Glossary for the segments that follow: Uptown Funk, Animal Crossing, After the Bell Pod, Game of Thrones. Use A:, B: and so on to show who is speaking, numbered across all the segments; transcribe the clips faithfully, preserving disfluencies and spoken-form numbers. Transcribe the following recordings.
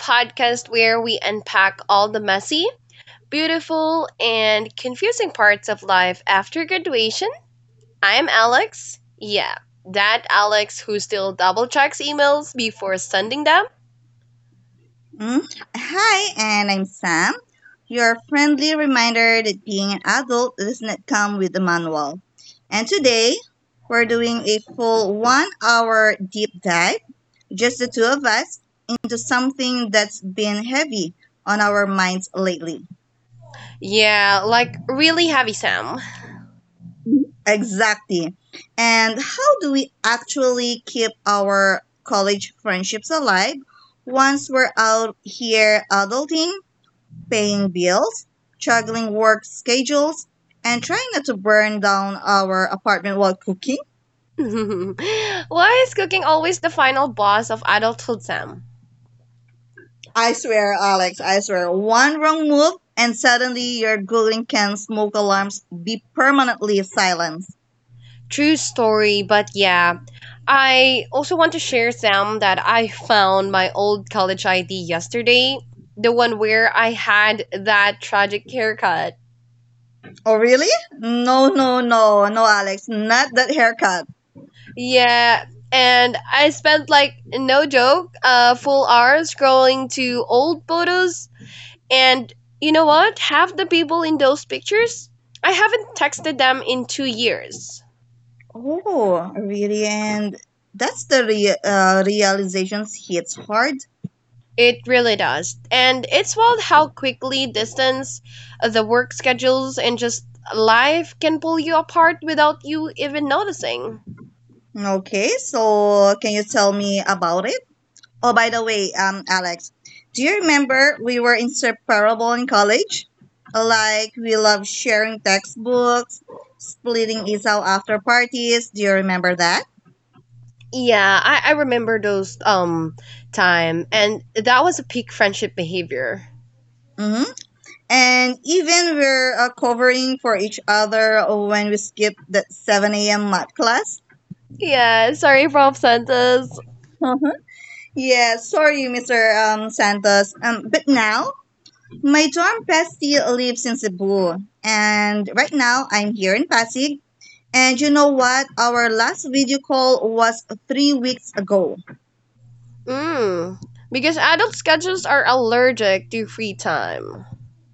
A: podcast where we unpack all the messy, beautiful, and confusing parts of life after graduation. I'm Alex. Yeah, that Alex who still double checks emails before sending them.
B: Mm. Hi, and I'm Sam, your friendly reminder that being an adult does not come with a manual. And today, we're doing a full one hour deep dive, just the two of us, into something that's been heavy on our minds lately.
A: Yeah, like really heavy Sam.
B: Exactly. And how do we actually keep our college friendships alive once we're out here adulting paying bills, juggling work schedules, and trying not to burn down our apartment while cooking.
A: Why is cooking always the final boss of adulthood, Sam?
B: I swear, Alex, I swear, one wrong move and suddenly your Googling can smoke alarms be permanently silenced.
A: True story, but yeah. I also want to share, Sam, that I found my old college I D yesterday. The one where I had that tragic haircut.
B: Oh, really? No, no, no, no, Alex, not that haircut.
A: Yeah, and I spent like, no joke, a full hour scrolling to old photos. And you know what? Half the people in those pictures, I haven't texted them in two years.
B: Oh, really? And that's the re- uh, realizations hits hard.
A: It really does. And it's wild how quickly distance, uh, the work schedules, and just life can pull you apart without you even noticing.
B: Okay, so can you tell me about it? Oh, by the way, um, Alex, do you remember we were inseparable in college? Like we loved sharing textbooks, splitting is out after parties. Do you remember that?
A: Yeah, I, I remember those um time, and that was a peak friendship behavior.
B: Mm-hmm. And even we're uh, covering for each other when we skip the seven a m math class.
A: Yeah, sorry, Professor Santos.
B: Uh-huh. Yeah, sorry, Mister Um, Santos. Um, but now my dorm bestie lives in Cebu, and right now I'm here in Pasig. And you know what? Our last video call was three weeks ago.
A: Mm. Because adult schedules are allergic to free time.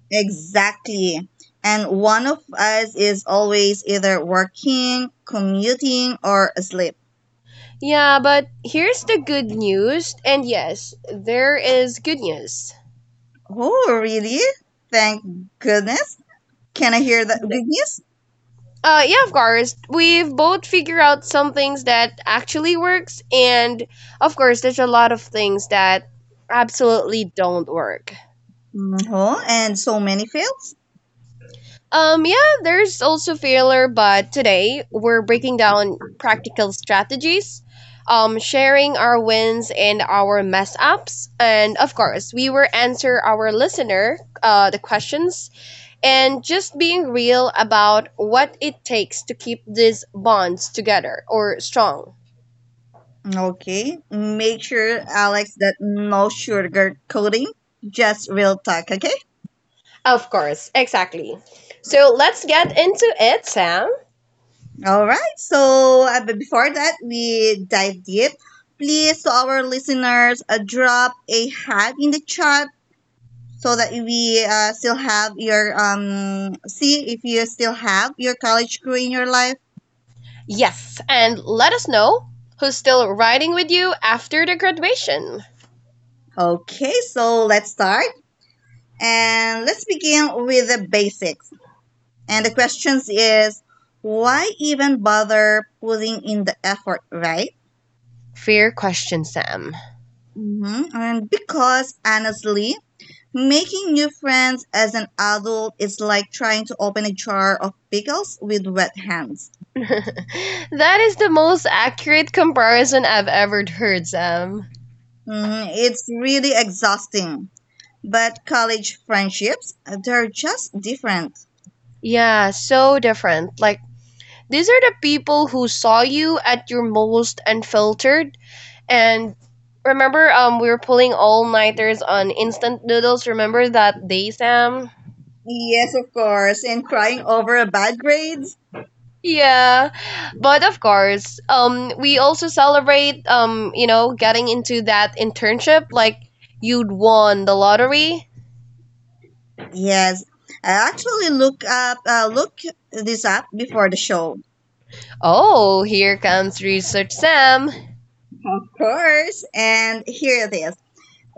B: Exactly. And one of us is always either working, commuting, or asleep.
A: Yeah, but here's the good news. And yes, there is good news.
B: Oh, really? Thank goodness. Can I hear that good news?
A: Uh, yeah, of course. We've both figured out some things that actually works, and of course, there's a lot of things that absolutely don't work.
B: Oh, and so many fails.
A: Um, yeah, there's also failure, but today we're breaking down practical strategies, um, sharing our wins and our mess ups, and of course, we will answer our listener uh, the questions, and just being real about what it takes to keep these bonds together or strong.
B: Okay. Make sure, Alex, that no sugar coating, just real talk, okay?
A: Of course, exactly. So let's get into it, Sam.
B: All right. So uh, but before that, we dive deep. Please, to our listeners, uh, drop a hat in the chat so that we uh, still have your um see if you still have your college crew in your life.
A: Yes, and let us know who's still riding with you after the graduation.
B: Okay, so let's start and let's begin with the basics. And the questions is why even bother putting in the effort, right?
A: Fair question, Sam.
B: Mm-hmm. And because honestly, making new friends as an adult is like trying to open a jar of pickles with wet hands.
A: That is the most accurate comparison I've ever heard, Sam.
B: Mm, it's really exhausting. But college friendships, they're just different.
A: Yeah, so different. Like, these are the people who saw you at your most unfiltered. And remember, um, we were pulling all nighters on instant noodles. Remember that day, Sam?
B: Yes, of course. And crying over bad grades.
A: Yeah, but of course, um, we also celebrate, um, you know, getting into that internship like you'd won the lottery.
B: Yes, I actually look up, uh, look this up before the show.
A: Oh, here comes Research Sam.
B: Of course. And here it is.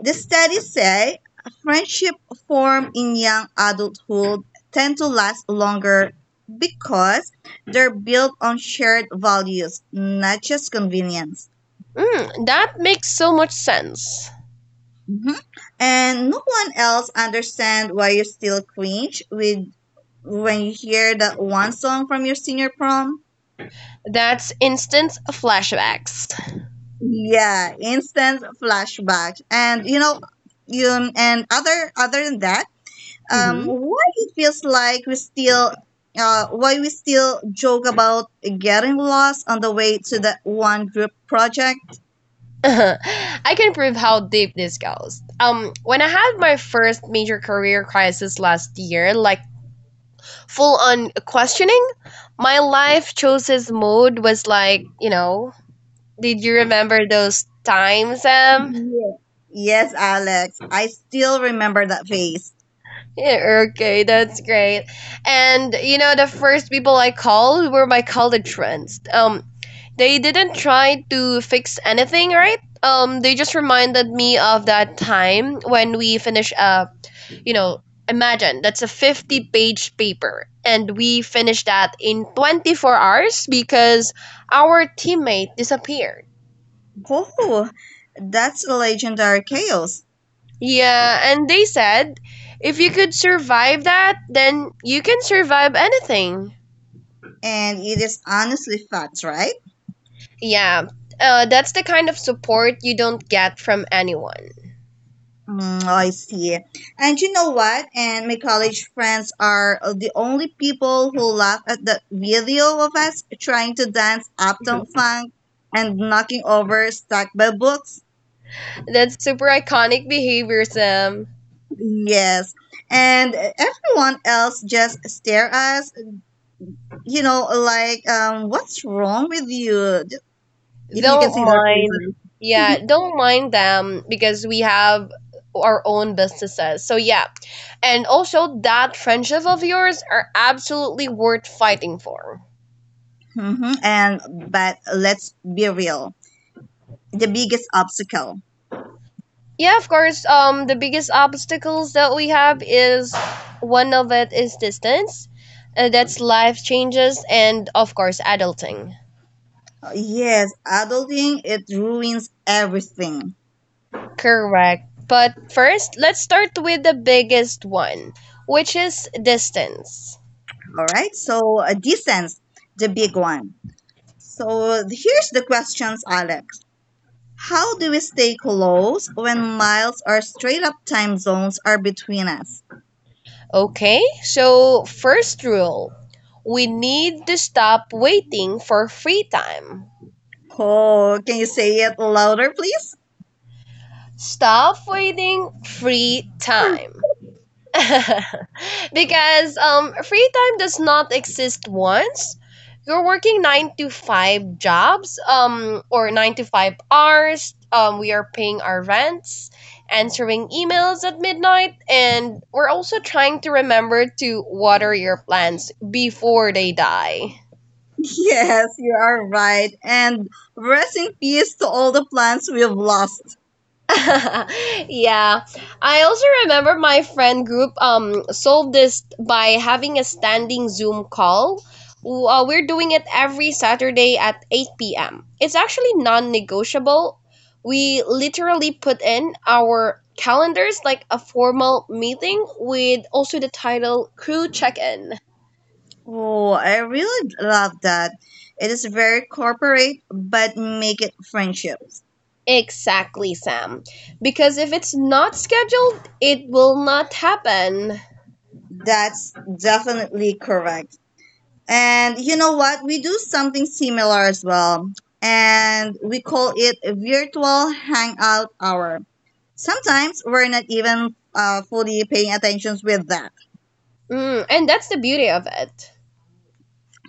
B: The studies say friendship formed in young adulthood tend to last longer because they're built on shared values, not just convenience.
A: Mm, that makes so much sense.
B: Mhm. And no one else understands why you still cringe with when you hear that one song from your senior prom.
A: That's instant flashbacks.
B: Yeah, instant flashbacks, and you know, you and other other than that um,
A: Mm-hmm.
B: why it feels like we still uh, why we still joke about getting lost on the way to that one group project.
A: I can prove how deep this goes. Um, when I had my first major career crisis last year, like full on questioning, my life choices mode was like, you know, Did you remember those times, Sam?
B: Yeah. Yes, Alex, I still remember that face.
A: Yeah, okay, that's great. And you know, the first people I called were my college friends. Um, they didn't try to fix anything, right? Um, they just reminded me of that time when we finished up. You know, imagine that's a fifty-page paper, and we finished that in twenty-four hours because our teammate disappeared.
B: Oh, that's legendary chaos,
A: Yeah, and they said if you could survive that, then you can survive anything.
B: and it is honestly facts, right?
A: Yeah, uh, that's the kind of support you don't get from anyone.
B: Mm, I see. And you know what? And my college friends are the only people who laugh at the video of us trying to dance uptown funk and knocking over stacked by books.
A: That's super iconic behavior, Sam.
B: Yes. And everyone else just stare at us, you know, like, um, what's wrong with you? If you can
A: Don't
B: see their
A: mind.
B: faces.
A: Yeah, don't mind them because we have our own businesses. So, yeah. And also, that friendship of yours are absolutely worth fighting for.
B: Hmm. And, but let's be real. The biggest obstacle?
A: Yeah, of course. Um, the biggest obstacles that we have, is one of it is distance. Uh, that's life changes and of course adulting.
B: Yes, adulting, it ruins everything.
A: Correct. But first, let's start with the biggest one, which is distance.
B: All right. So, uh, distance, the big one. So, here's the questions, Alex. How do we stay close when miles or straight up time zones are between us?
A: Okay, so first rule, we need to stop waiting for free time.
B: Oh, can you say it louder, please?
A: Stop waiting free time. Because um free time does not exist once you're working nine to five jobs, um or nine to five hours. Um we are paying our rents, answering emails at midnight, and we're also trying to remember to water your plants before they die.
B: Yes, you are right. And rest in peace to all the plants we've lost.
A: Yeah. I also remember my friend group um solved this by having a standing Zoom call. W- Uh, we're doing it every Saturday at eight p m. It's actually non-negotiable. We literally put in our calendars like a formal meeting, with also the title crew check-in.
B: Oh, I really love that. It is very corporate, but make it friendship.
A: Exactly, Sam. Because if it's not scheduled, it will not happen.
B: That's definitely correct. And you know what? We do something similar as well. And we call it a virtual hangout hour. Sometimes we're not even uh, fully paying attention with that.
A: Mm, and that's the beauty of it.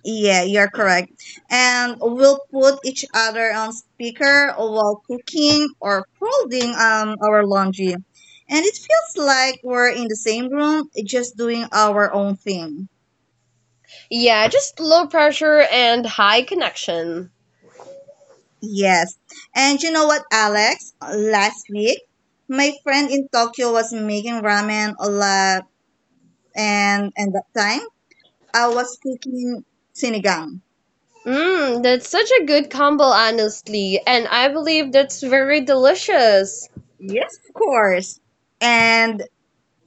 B: Yeah, you're correct. And we'll put each other on speaker while cooking or folding um, our laundry. And it feels like we're in the same room, just doing our own thing.
A: Yeah, just low pressure and high connection.
B: Yes. And you know what, Alex? Last week, my friend in Tokyo was making ramen a lot, and and that time I was cooking sinigang.
A: Mmm, that's such a good combo, honestly, and I believe that's very delicious.
B: Yes, of course. And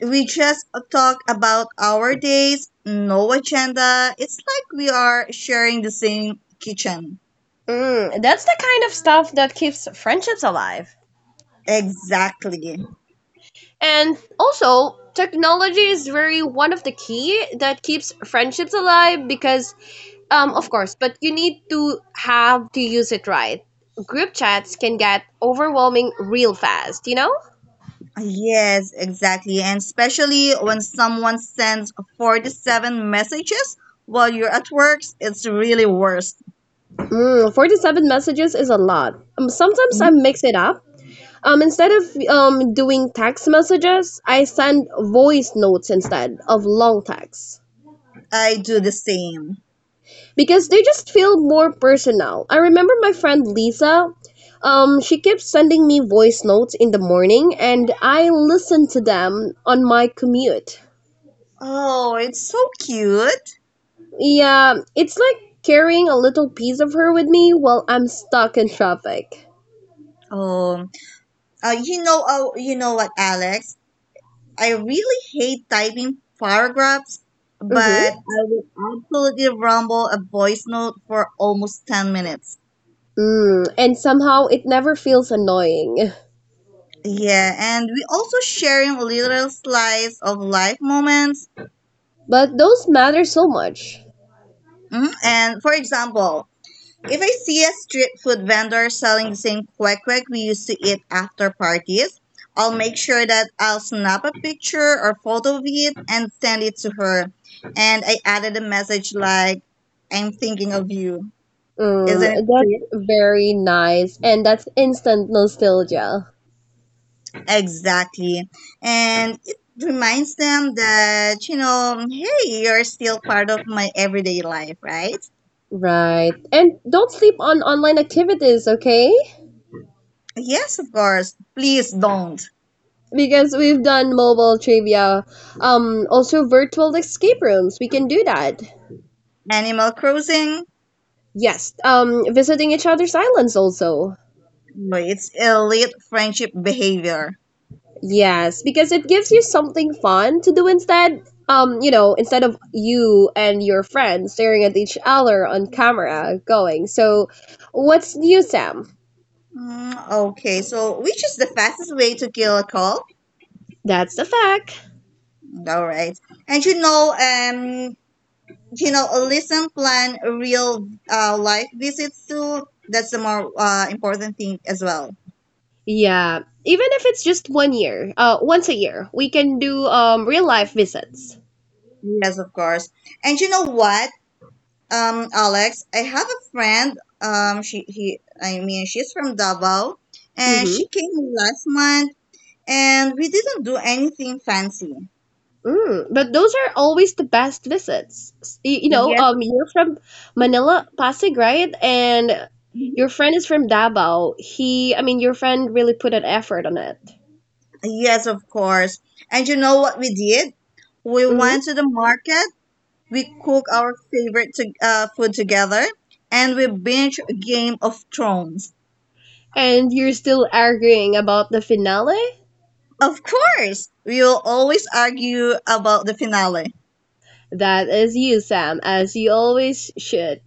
B: we just talk about our days, no agenda. It's like we are sharing the same kitchen.
A: Mmm, that's the kind of stuff that keeps friendships alive.
B: Exactly.
A: And also, technology is very one of the key that keeps friendships alive because, um, of course, but you need to have to use it right. Group chats can get overwhelming real fast, you know?
B: Yes, exactly. And especially when someone sends forty-seven messages while you're at work, it's really worse.
A: Mm, forty-seven messages is a lot. Um, sometimes I mix it up. Um, instead of um, doing text messages, I send voice notes instead of long texts
B: I do the same.
A: because they just feel more personal. I remember my friend Lisa. Um, she keeps sending me voice notes in the morning, and I listen to them on my commute.
B: Oh, it's so cute.
A: Yeah, it's like carrying a little piece of her with me while I'm stuck in traffic.
B: Oh, uh, you know, oh, you know what, Alex? I really hate typing paragraphs, but
A: Mm-hmm.
B: I would absolutely rumble a voice note for almost ten minutes.
A: Mm, and somehow it never feels annoying.
B: Yeah, and we also sharing little slice of life moments.
A: But those matter so much.
B: Mm. And for example, if I see a street food vendor selling the same kwek we used to eat after parties, I'll make sure that I'll snap a picture or photo of it and send it to her. And I added a message like, I'm thinking of you. Isn't it
A: Mm,
B: sweet?
A: that's very nice. And that's instant nostalgia.
B: Exactly. And it reminds them that, you know, hey, you're still part of my everyday life, right?
A: Right. And don't sleep on online activities, okay?
B: Yes, of course. Please don't.
A: Because we've done mobile trivia, um, also virtual escape rooms. We can do that.
B: Animal Crossing
A: Yes. Um, visiting each other's islands also.
B: Boy, it's elite friendship behavior.
A: Yes, because it gives you something fun to do instead. Um, you know, instead of you and your friends staring at each other on camera going, so, what's new, Sam?
B: Mm, okay, so which is the fastest way to kill a call?
A: That's the fact.
B: All right, and you know, um, you know, listen, plan real uh, life visits too. That's the more uh, important thing as well.
A: Yeah, even if it's just one year, uh, once a year, we can do um real life visits.
B: Yes, of course. And you know what, um, Alex, I have a friend. Um, she he, I mean, she's from Davao, and
A: Mm-hmm.
B: she came last month, and we didn't do anything fancy.
A: Mm, but those are always the best visits. S- y- You know,
B: Yes,
A: um, you're from Manila, Pasig, right? And your friend is from Davao. He, I mean, your friend really put an effort on it.
B: yes, of course. And you know what we did? We
A: Hmm.
B: went to the market, we cooked our favorite to, uh, food together, and we binge Game of Thrones.
A: And you're still arguing about the finale?
B: Of course, we will always argue about the finale.
A: That is you, Sam, as you always should.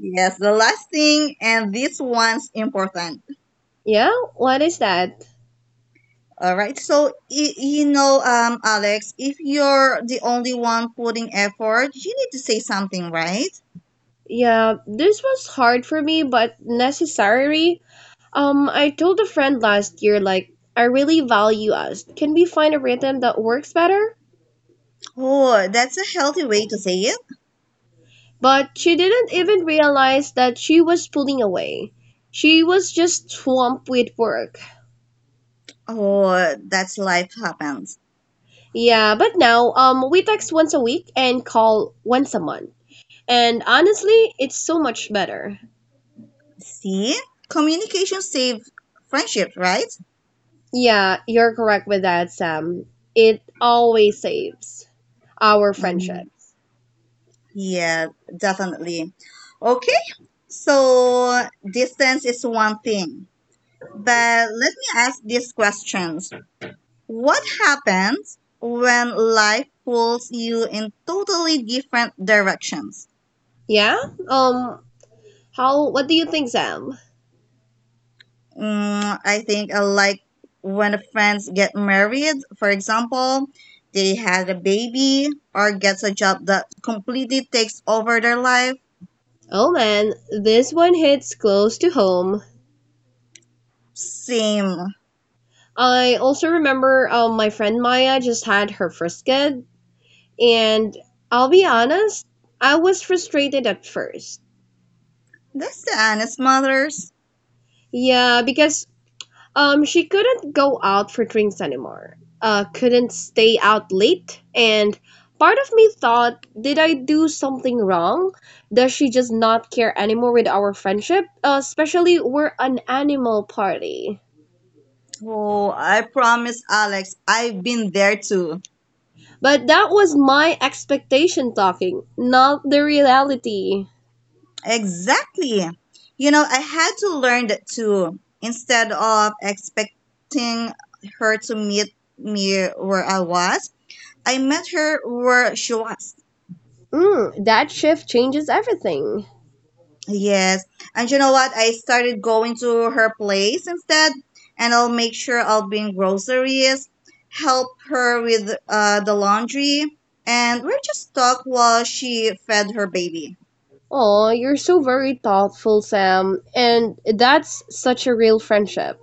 B: Yes, the last thing, and this one's important.
A: Yeah? What is that?
B: All right. So y- you know, um, Alex, if you're the only one putting effort, you need to say something, right?
A: Yeah, this was hard for me, but necessary. Um, I told a friend last year, like, I really value us. Can we find a rhythm that works better?
B: Oh, that's a healthy way to say it.
A: But she didn't even realize that she was pulling away. She was just swamped with work.
B: Oh, that's life happens.
A: Yeah, but now um we text once a week and call once a month. And honestly, it's so much better.
B: See, communication save friendship, right?
A: Yeah, you're correct with that, Sam. It always saves our friendship.
B: Um, yeah, definitely. Okay, so distance is one thing, but let me ask these questions. What happens when life pulls you in totally different directions?
A: Yeah? Um how what do you think, Sam?
B: Mm, I think I like when friends get married, for example, they had a baby or gets a job that completely takes over their life.
A: Oh man, this one hits close to home.
B: Same.
A: I also remember um, my friend Maya just had her first kid. And I'll be honest, I was frustrated at first.
B: That's the honest mothers.
A: Yeah, because um she couldn't go out for drinks anymore. Uh couldn't stay out late, and part of me thought, did I do something wrong? Does she just not care anymore with our friendship? Uh, especially we're an animal party.
B: Oh, I promise, Alex, I've been there too.
A: But that was my expectation talking, not the reality.
B: Exactly. You know, I had to learn that too. Instead of expecting her to meet me where I was, I met her where she was.
A: Mm, that shift changes everything.
B: Yes. And you know what? I started going to her place instead, and I'll make sure I'll bring groceries, help her with uh, the laundry, and we're just talk while she fed her baby.
A: Oh, you're so very thoughtful, Sam. And that's such a real friendship.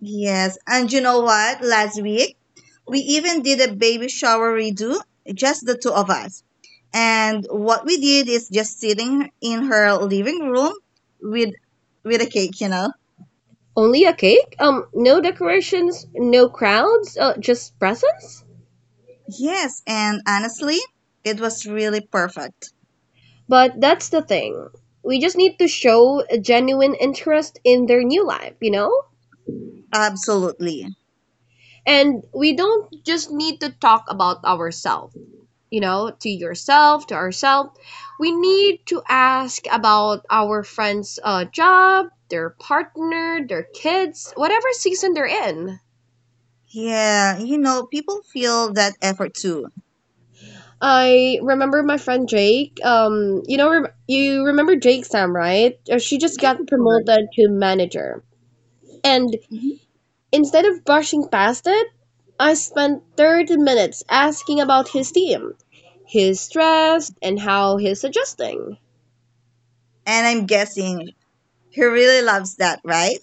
B: Yes. And you know what? Last week, we even did a baby shower redo, just the two of us. And what we did is just sitting in her living room with with a cake, you know.
A: Only a cake? Um, no decorations, no crowds, uh, just presents?
B: Yes, and honestly, it was really perfect.
A: But that's the thing. We just need to show a genuine interest in their new life, you know?
B: Absolutely.
A: And we don't just need to talk about ourselves, you know, to yourself, to ourselves. We need to ask about our friend's uh, job, their partner, their kids, whatever season they're in.
B: Yeah, you know, people feel that effort too.
A: I remember my friend Jake. Um, you know, rem- you remember Jake Sam, right? Uh, She just
B: Yes,
A: got
B: of course.
A: promoted to manager. And
B: Mhm.
A: instead of brushing past it, I spent thirty minutes asking about his team, his stress, and how he's adjusting.
B: And I'm guessing he really loves that, right?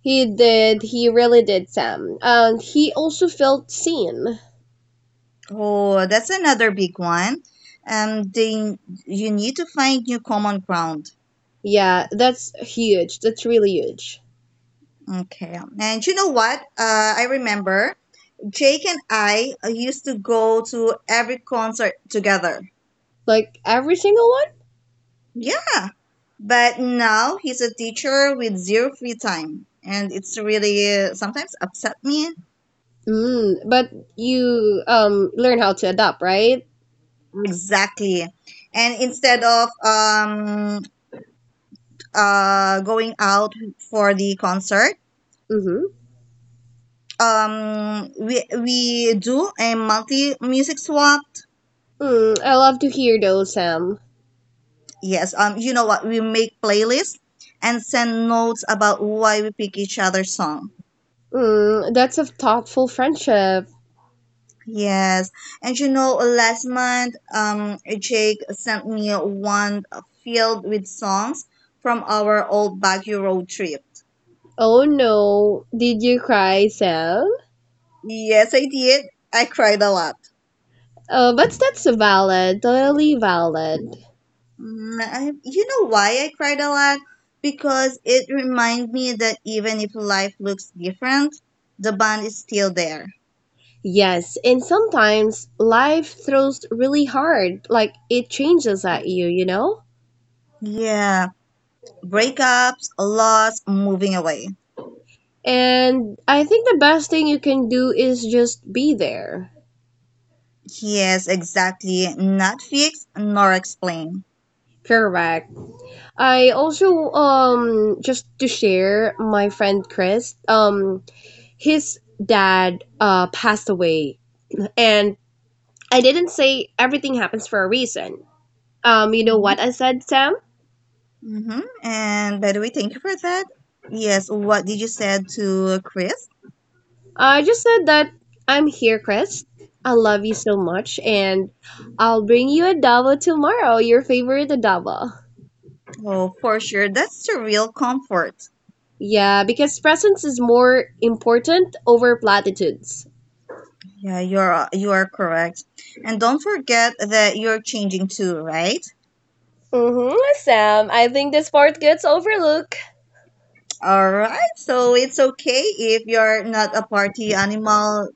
A: He did, he really did, Sam. And he also felt seen.
B: Oh, that's another big one. Um, they you need to find new common ground.
A: Yeah, that's huge. That's really huge.
B: Okay. And you know what? Uh, I remember Jake and I uh, used to go to every concert together.
A: Like every single one?
B: Yeah, but now he's a teacher with zero free time. And it's really uh, sometimes upset me.
A: Mm, but you um learn how to adapt, right?
B: Exactly. And instead of um uh going out for the concert,
A: Mm-hmm.
B: um we we do a multi music swap.
A: Mm, I love to hear those, Sam.
B: Yes, um you know what? We make playlists and send notes about why we pick each other's song.
A: Mm, that's a thoughtful friendship.
B: Yes. And you know, last month, um, Jake sent me one filled with songs from our old Baguio road trip.
A: Oh no, did you cry, Sam?
B: Yes, I did. I cried a lot.
A: Uh, but that's valid, totally valid.
B: Mm, I, you know why I cried a lot? Because it reminded me that even if life looks different, the bond is still there.
A: Yes, and sometimes life throws really hard, like it changes at you, you know?
B: Yeah, breakups, loss, moving away.
A: And I think the best thing you can do is just be there.
B: Yes, exactly. Not fixed nor explained.
A: Correct. I also um just to share, my friend Chris, um his dad uh, passed away. And I didn't say everything happens for a reason. Um, you know what
B: Mm-hmm.
A: I said, Sam?
B: Mm-hmm. And by the way, thank you for that. Yes, what did you said to Chris?
A: I just said that I'm here, Chris. I love you so much, and I'll bring you adobo tomorrow, your favorite adobo.
B: Oh, for sure, that's the real comfort.
A: Yeah, because presence is more important over platitudes.
B: Yeah, you're you are correct. And don't forget that you're changing too, right?
A: Mm-hmm, Sam. I think this part gets overlooked.
B: All right. So it's okay if you're not a party animal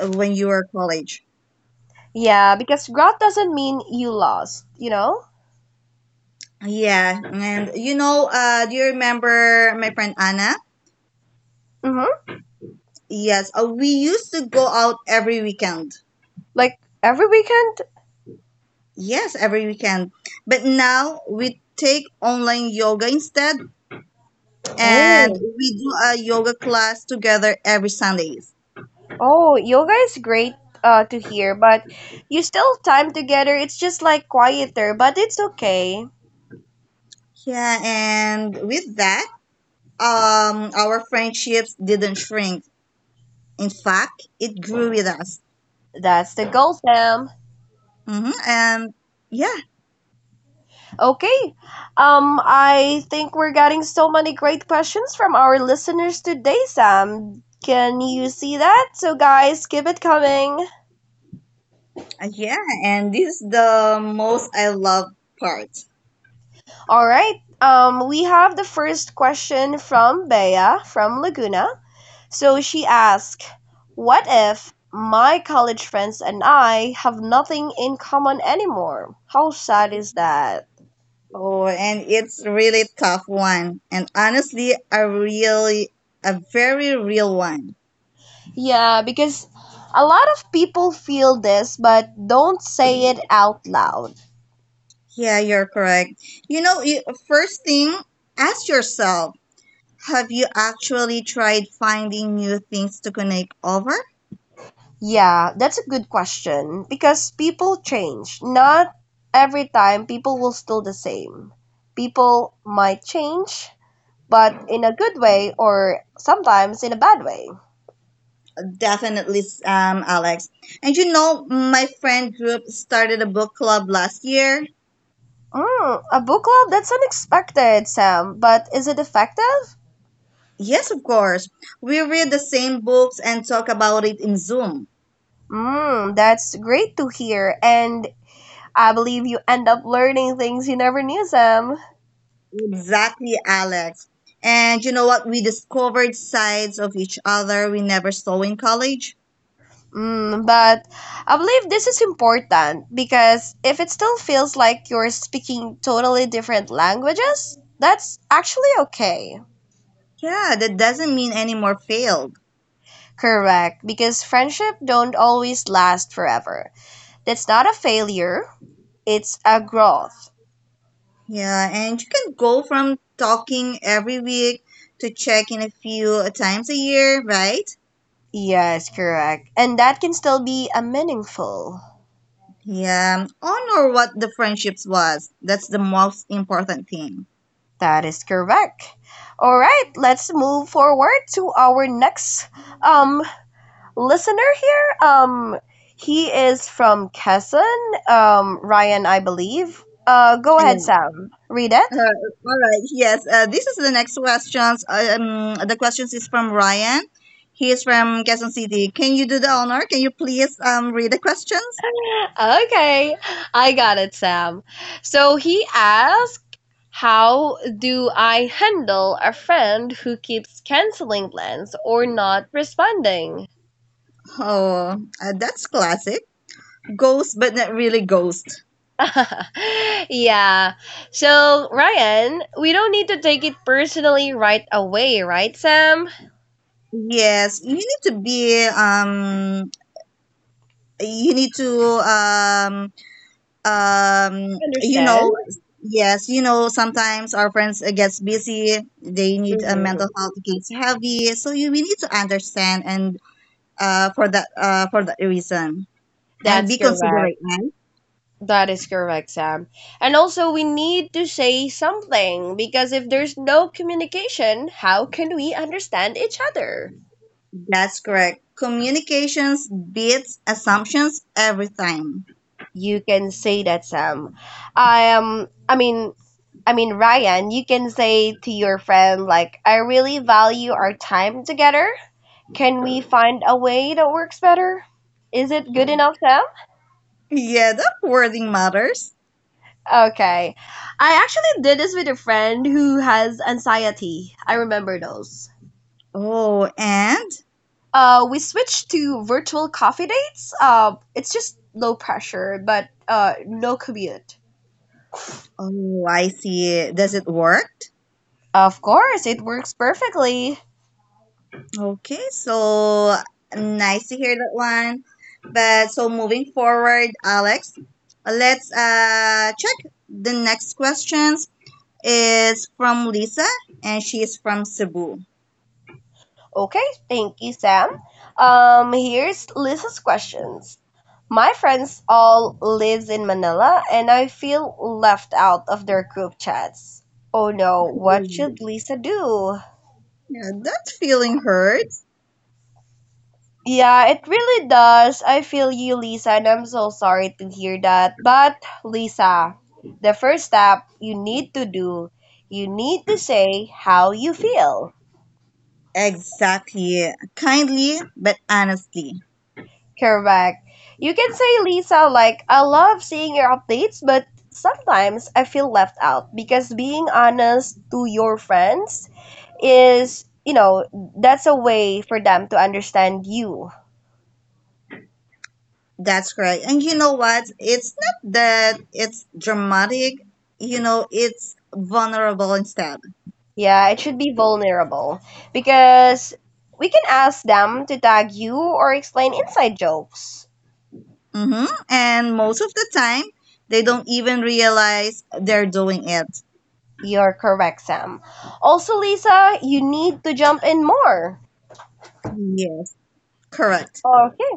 B: uh, when you are college.
A: Yeah, because growth doesn't mean you lost, you know?
B: Yeah, and you know, uh, do you remember my friend Anna?
A: Mm-hmm.
B: Yes, uh, we used to go out every weekend.
A: Like every weekend.
B: Yes, every weekend. But now we take online yoga instead, and
A: Oh.
B: we do a yoga class together every Sundays.
A: Oh, yoga is great, uh, to hear, but you still have time together. It's just like quieter, but it's okay.
B: Yeah, and with that, um, our friendships didn't shrink. In fact, it grew with us.
A: That's the goal, Sam.
B: Hmm. And yeah,
A: Okay. Um, I think we're getting so many great questions from our listeners today, Sam. Can you see that? So, guys, keep it coming.
B: uh, yeah, and this is the most I love part.
A: All right. Um, we have the first question from Bea from Laguna. So she asked, what if my college friends and I have nothing in common anymore? How sad is that?
B: Oh, and it's really tough one, and honestly, a really, a very real one.
A: Yeah, because a lot of people feel this but don't say it out loud.
B: Yeah, you're correct. You know, you, first thing, ask yourself have you actually tried finding new things to connect over?
A: Yeah, that's a good question because people change. Not every time people will still the same. People might change, but in a good way or sometimes in a bad way.
B: Definitely, um, Alex. And you know, my friend group started a book club last year.
A: Mm, a book club? That's unexpected, Sam. But is it effective?
B: Yes, of course. We read the same books and talk about it in Zoom.
A: Mm, that's great to hear. And I believe you end up learning things you never knew, Sam.
B: Exactly, Alex. And you know what? We discovered sides of each other we never saw in college.
A: Mm, but I believe this is important because if it still feels like you're speaking totally different languages, that's actually okay.
B: Yeah, that doesn't mean any more failed.
A: Correct, because friendship don't always last forever. That's not a failure, it's a growth.
B: Yeah, and you can go from talking every week to check in a few times a year, right?
A: Yes, correct. And that can still be a meaningful.
B: Yeah, honor what the friendships was. That's the most important thing.
A: That is correct. All right, let's move forward to our next um listener here. Um he is from Quezon, um Ryan, I believe. Uh go ahead,
B: Yeah.
A: Sam. Read it.
B: Uh, all right. Yes. Uh, this is the next questions. Um, the questions is from Ryan. He is from Quezon City. Can you do the honor? Can you please um read the questions?
A: Okay, I got it, Sam. So he asked, how do I handle a friend who keeps canceling plans or not responding?
B: Oh, uh, that's classic. Ghost, but not really ghost.
A: Yeah. So, Ryan, we don't need to take it personally right away, right, Sam?
B: Yes, you need to be um you need to um um you
A: Understand?
B: know yes, you know sometimes our friends uh, gets busy, they need a mental
A: Mm-hmm.
B: health gets heavy, so you we need to understand, and uh for that uh for that reason, and
A: That's
B: be
A: correct.
B: considerate, man.
A: That is correct, Sam. And also, we need to say something because if there's no communication, how can we understand each other?
B: That's correct. Communications beats assumptions every time.
A: You can say that, Sam. I am. I mean, I mean, Ryan. You can say to your friend like, "I really value our time together. Can we find a way that works better?" Is it good enough, Sam?
B: Yeah, that wording matters.
A: Okay. I actually did this with a friend who has anxiety. I remember those.
B: Oh, and
A: Uh, we switched to virtual coffee dates. Uh, it's just low pressure, but uh, no commute.
B: oh I see. Does it work?
A: Of course, it works perfectly.
B: Okay, so nice to hear that one. But so moving forward, Alex, let's uh check the next questions is from Lisa and she is from Cebu.
A: Okay, thank you, Sam. Um, here's Lisa's questions. My friends all lives in Manila and I feel left out of their group chats. Oh no, what should Lisa do?
B: Yeah, that feeling hurts.
A: Yeah, it really does. I feel you, Lisa, and I'm so sorry to hear that. But, Lisa, the first step you need to do, you need to say how you feel.
B: Exactly. Kindly but honestly.
A: Correct. You can say, Lisa, like, I love seeing your updates, but sometimes I feel left out, because being honest to your friends is, you know, that's a way for them to understand you.
B: That's correct. And you know what? It's not that it's dramatic, you know, it's vulnerable instead.
A: Yeah, it should be vulnerable because we can ask them to tag you or explain inside jokes.
B: hmm And most of the time, they don't even realize they're doing it.
A: You're correct, Sam. Also, Lisa, you need to jump in more.
B: Yes. Correct.
A: Okay.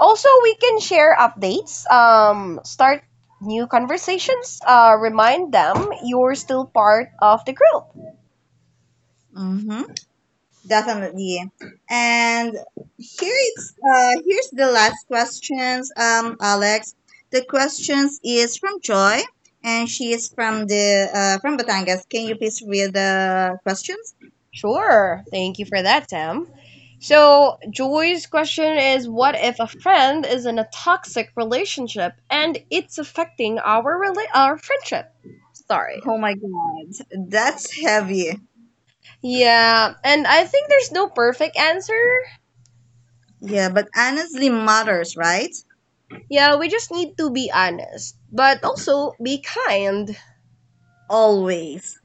A: Also, we can share updates, um, start new conversations, uh, remind them you're still part of the group.
B: Mm-hmm. Definitely. And here it's uh here's the last questions, um, Alex. The questions is from Joy, and she is from the uh, from Batangas. Can you please read the questions?
A: Sure. Thank you for that, Sam. So, Joy's question is, what if a friend is in a toxic relationship and it's affecting our, rela- our friendship? Sorry.
B: Oh my God, that's heavy.
A: Yeah, and I think there's no perfect answer.
B: Yeah, but honestly matters, right?
A: Yeah, we just need to be honest, but also be kind.
B: Always.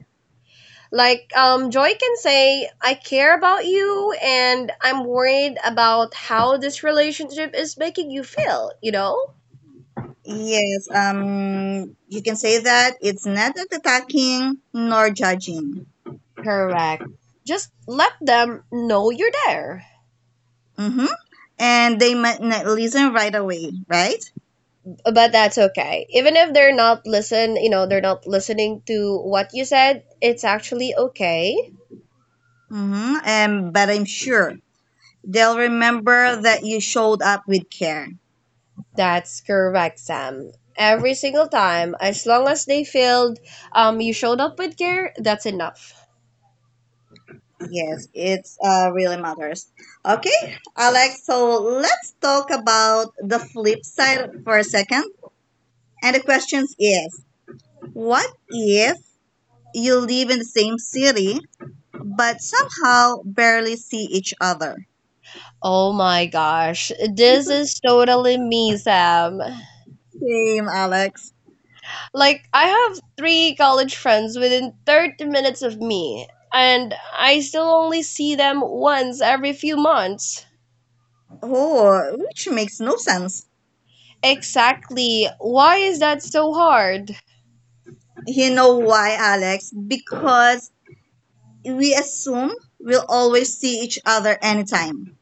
A: Like um, Joy can say, "I care about you, and I'm worried about how this relationship is making you feel." You know.
B: Yes, um, you can say that it's not attacking nor judging.
A: Correct. Just let them know you're there.
B: Mm-hmm. And they might not listen right away, right?
A: But that's okay. Even if they're not listen, you know, they're not listening to what you said, it's actually okay.
B: Mm-hmm. And but I'm sure they'll remember that you showed up with care.
A: That's correct, Sam. Every single time, as long as they feel um you showed up with care, that's enough.
B: Yes, it's uh, really matters. Okay, Alex. So let's talk about the flip side for a second. And the question is, what if you live in the same city but somehow barely see each other?
A: Oh my gosh, this is totally me, Sam.
B: Same, Alex.
A: Like, I have three college friends within 30 minutes of me, and I still only see them once every few months.
B: Oh, which makes no sense.
A: Exactly. Why is that so hard?
B: You know why, Alex? Because we assume we'll always see each other anytime.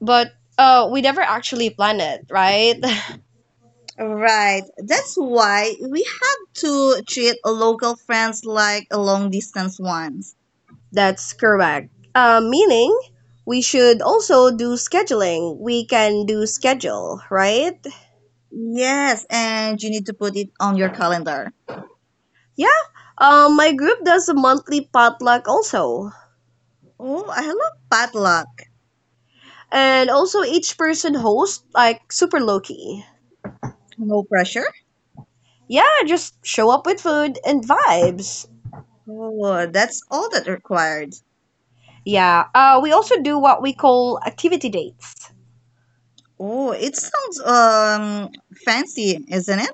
A: But uh, we never actually plan it, right?
B: Right. That's why we have to treat local friends like a long distance ones.
A: That's correct. Uh, meaning, we should also do scheduling. We can do schedule, right?
B: Yes, and you need to put it on your calendar.
A: Yeah, um, my group does a monthly potluck also,
B: Oh, I love padlock.
A: and also each person hosts like super low key.
B: No pressure.
A: Yeah, just show up with food and vibes.
B: Oh, that's all that required.
A: Yeah, uh, we also do what we call activity dates.
B: Oh, it sounds um fancy, isn't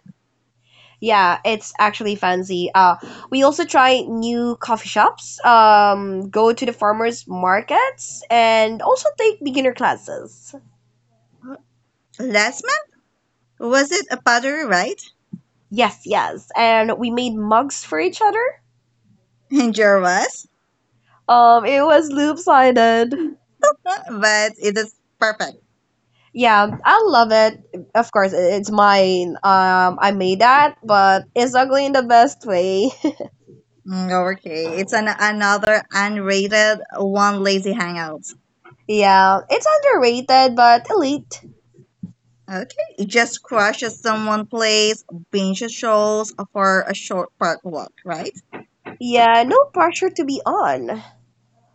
A: Yeah, it's actually fancy. Uh, we also try new coffee shops, um, go to the farmers markets, and also take beginner classes.
B: it? Let's. Was it a pottery, right?
A: Yes, yes, and we made mugs for each other.
B: And Jar was,
A: Um, it was loop-sided.
B: but it is perfect.
A: Yeah, I love it. Of course, it- it's mine. Um, I made that, but it's ugly in the best way.
B: Mm, okay, it's an another unrated one lazy hangout.
A: Yeah, it's underrated, but elite.
B: Okay, it just crushes someone plays binge shows for a short park walk, right?
A: Yeah, no pressure to be on.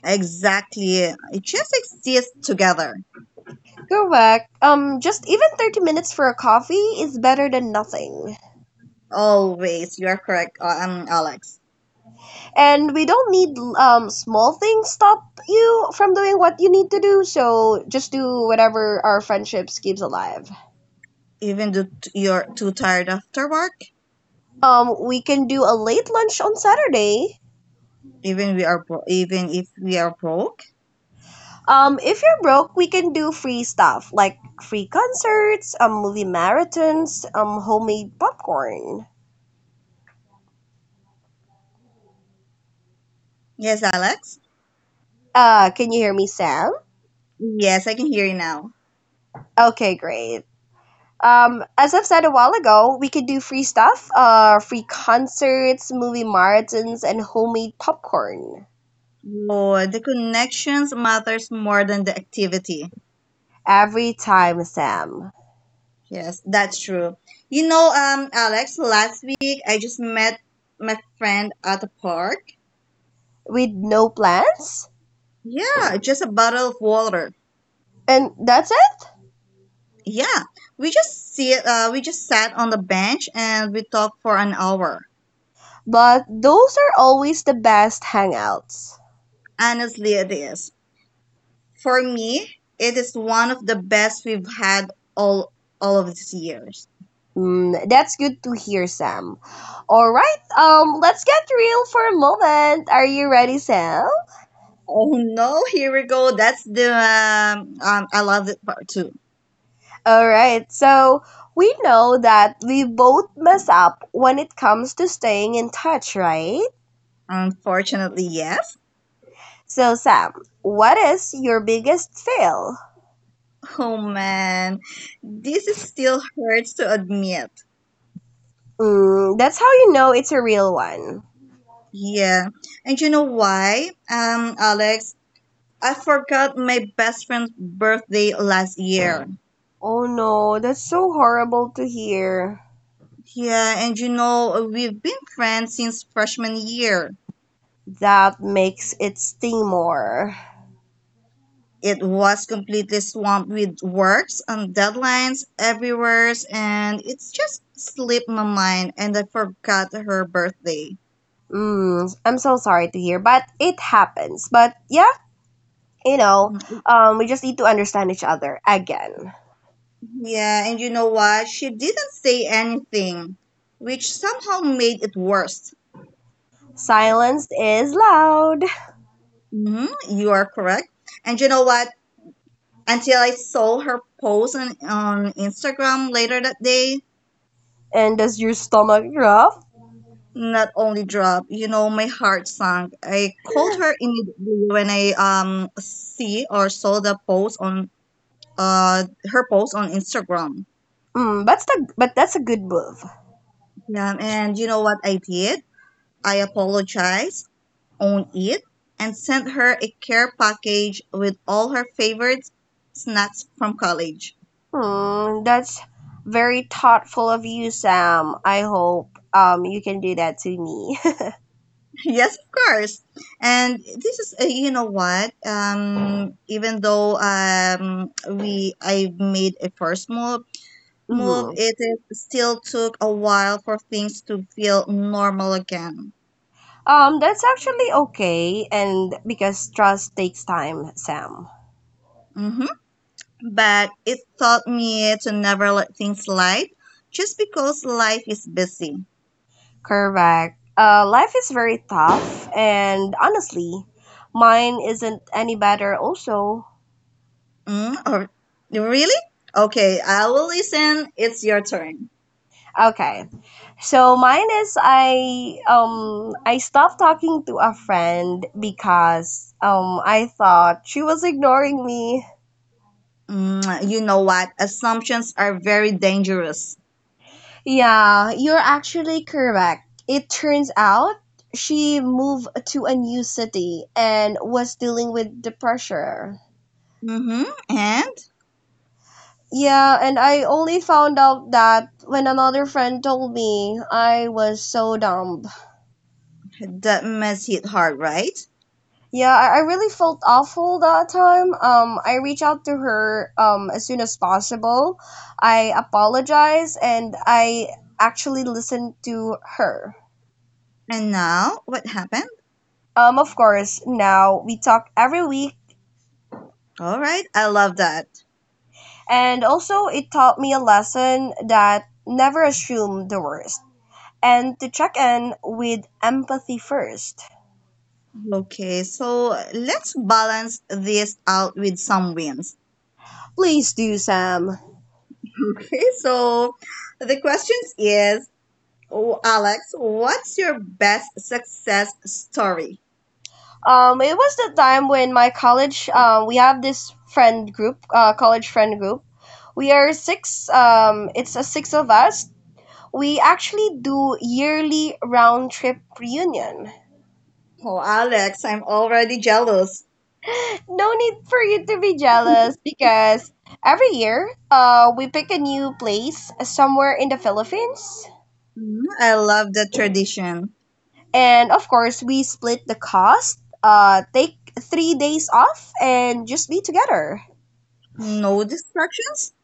B: Exactly. It just exists together.
A: Correct. Um, just even 30 minutes for a coffee is better than nothing.
B: Always, you are correct, uh, um, Alex.
A: And we don't need um small things stop you from doing what you need to do. So just do whatever our friendships keeps alive.
B: Even though t- you're too tired after work,
A: Um, we can do a late lunch on Saturday.
B: even we are bro- even if we are broke.
A: Um, if you're broke, we can do free stuff like free concerts, um, movie marathons, um, homemade popcorn.
B: Yes, Alex.
A: Uh, can you hear me, Sam?
B: Yes, I can hear you now.
A: Okay, great. Um, as I've said a while ago, we could do free stuff, uh, free concerts, movie marathons, and homemade popcorn
B: Or the connections matters more than the activity.
A: every time, Sam.
B: Yes, that's true. You know, um, Alex, last week I just met my friend at the park.
A: With no plans,
B: Yeah, just a bottle of water.
A: and that's it.
B: Yeah, we just see uh, we just sat on the bench and we talked for an hour.
A: But those are always the best hangouts.
B: Honestly, it is. For me, it is one of the best we've had all all of these years.
A: Mm, that's good to hear, Sam. All right, um, let's get real for a moment. Are you ready, Sam?
B: Oh no, here we go. That's the um, um I love it part too.
A: All right, so we know that we both mess up when it comes to staying in touch, right?
B: Unfortunately, yes.
A: So, Sam, what is your biggest fail?
B: Oh man, this is still hurts to admit.
A: Mm, that's how you know it's a real one.
B: Yeah, and you know why, um, Alex? I forgot my best friend's birthday last year.
A: Oh no, that's so horrible to hear.
B: Yeah, and you know we've been friends since freshman year.
A: That makes it sting more.
B: It was completely swamped with works and deadlines everywhere, and it's just slipped my mind, and I forgot her birthday.
A: Mm, I'm so sorry to hear, but it happens. But yeah, you know, um, we just need to understand each other again.
B: Yeah, and you know what? She didn't say anything, which somehow made it worse.
A: Silence is loud.
B: Hmm you are correct. And you know what? Until I saw her post on, on Instagram later that day,
A: And does your stomach drop?
B: not only drop, you know, my heart sank. I called her immediately when I um see or saw the post on uh her post on Instagram.
A: Mm, that's the, but that's a good move.
B: Yeah, and you know what I did? I apologized own it and sent her a care package with all her favorite snacks from college.
A: Hmm, that's very thoughtful of you, Sam. I hope um you can do that to me.
B: Yes, of course. And this is, uh, you know what? Um, even though um, we I made a first move, move
A: hmm
B: it, it still took a while for things to feel normal again.
A: Um, that's actually okay, and because trust takes time, Sam.
B: hmm But it taught me to never let things slide just because life is busy.
A: Correct. Uh, life is very tough, and honestly, mine isn't any better. Also,
B: Mm, or really? Okay, I will listen. It's your turn.
A: okay. So mine is, I um I stopped talking to a friend because um I thought she was ignoring me.
B: Mm, you know what? Assumptions are very dangerous.
A: Yeah, you're actually correct. It turns out she moved to a new city and was dealing with the pressure.
B: Mm-hmm. And
A: Yeah, and I only found out that when another friend told me. I was so dumb.
B: that must hit hard, right?
A: Yeah, I, I really felt awful that time. Um, I reached out to her um, as soon as possible. I apologized and I actually listened to her.
B: And now, what happened?
A: Um, of course, now we talk every week,
B: All right, I love that.
A: and also it taught me a lesson that never assume the worst and to check in with empathy first.
B: Okay, so let's balance this out with some wins.
A: Please do, Sam.
B: Okay, so the question is, oh, Alex, what's your best success story?
A: Um, it was the time when my college, uh, we have this friend group, uh, college friend group. We are six. Um, it's a six of us. We actually do yearly round trip reunion.
B: Oh, Alex, I'm already jealous.
A: No need for you to be jealous because every year, uh, we pick a new place somewhere in the Philippines,
B: Mm, I love that tradition.
A: and of course, we split the cost. Uh, take three days off and just be together.
B: No distractions?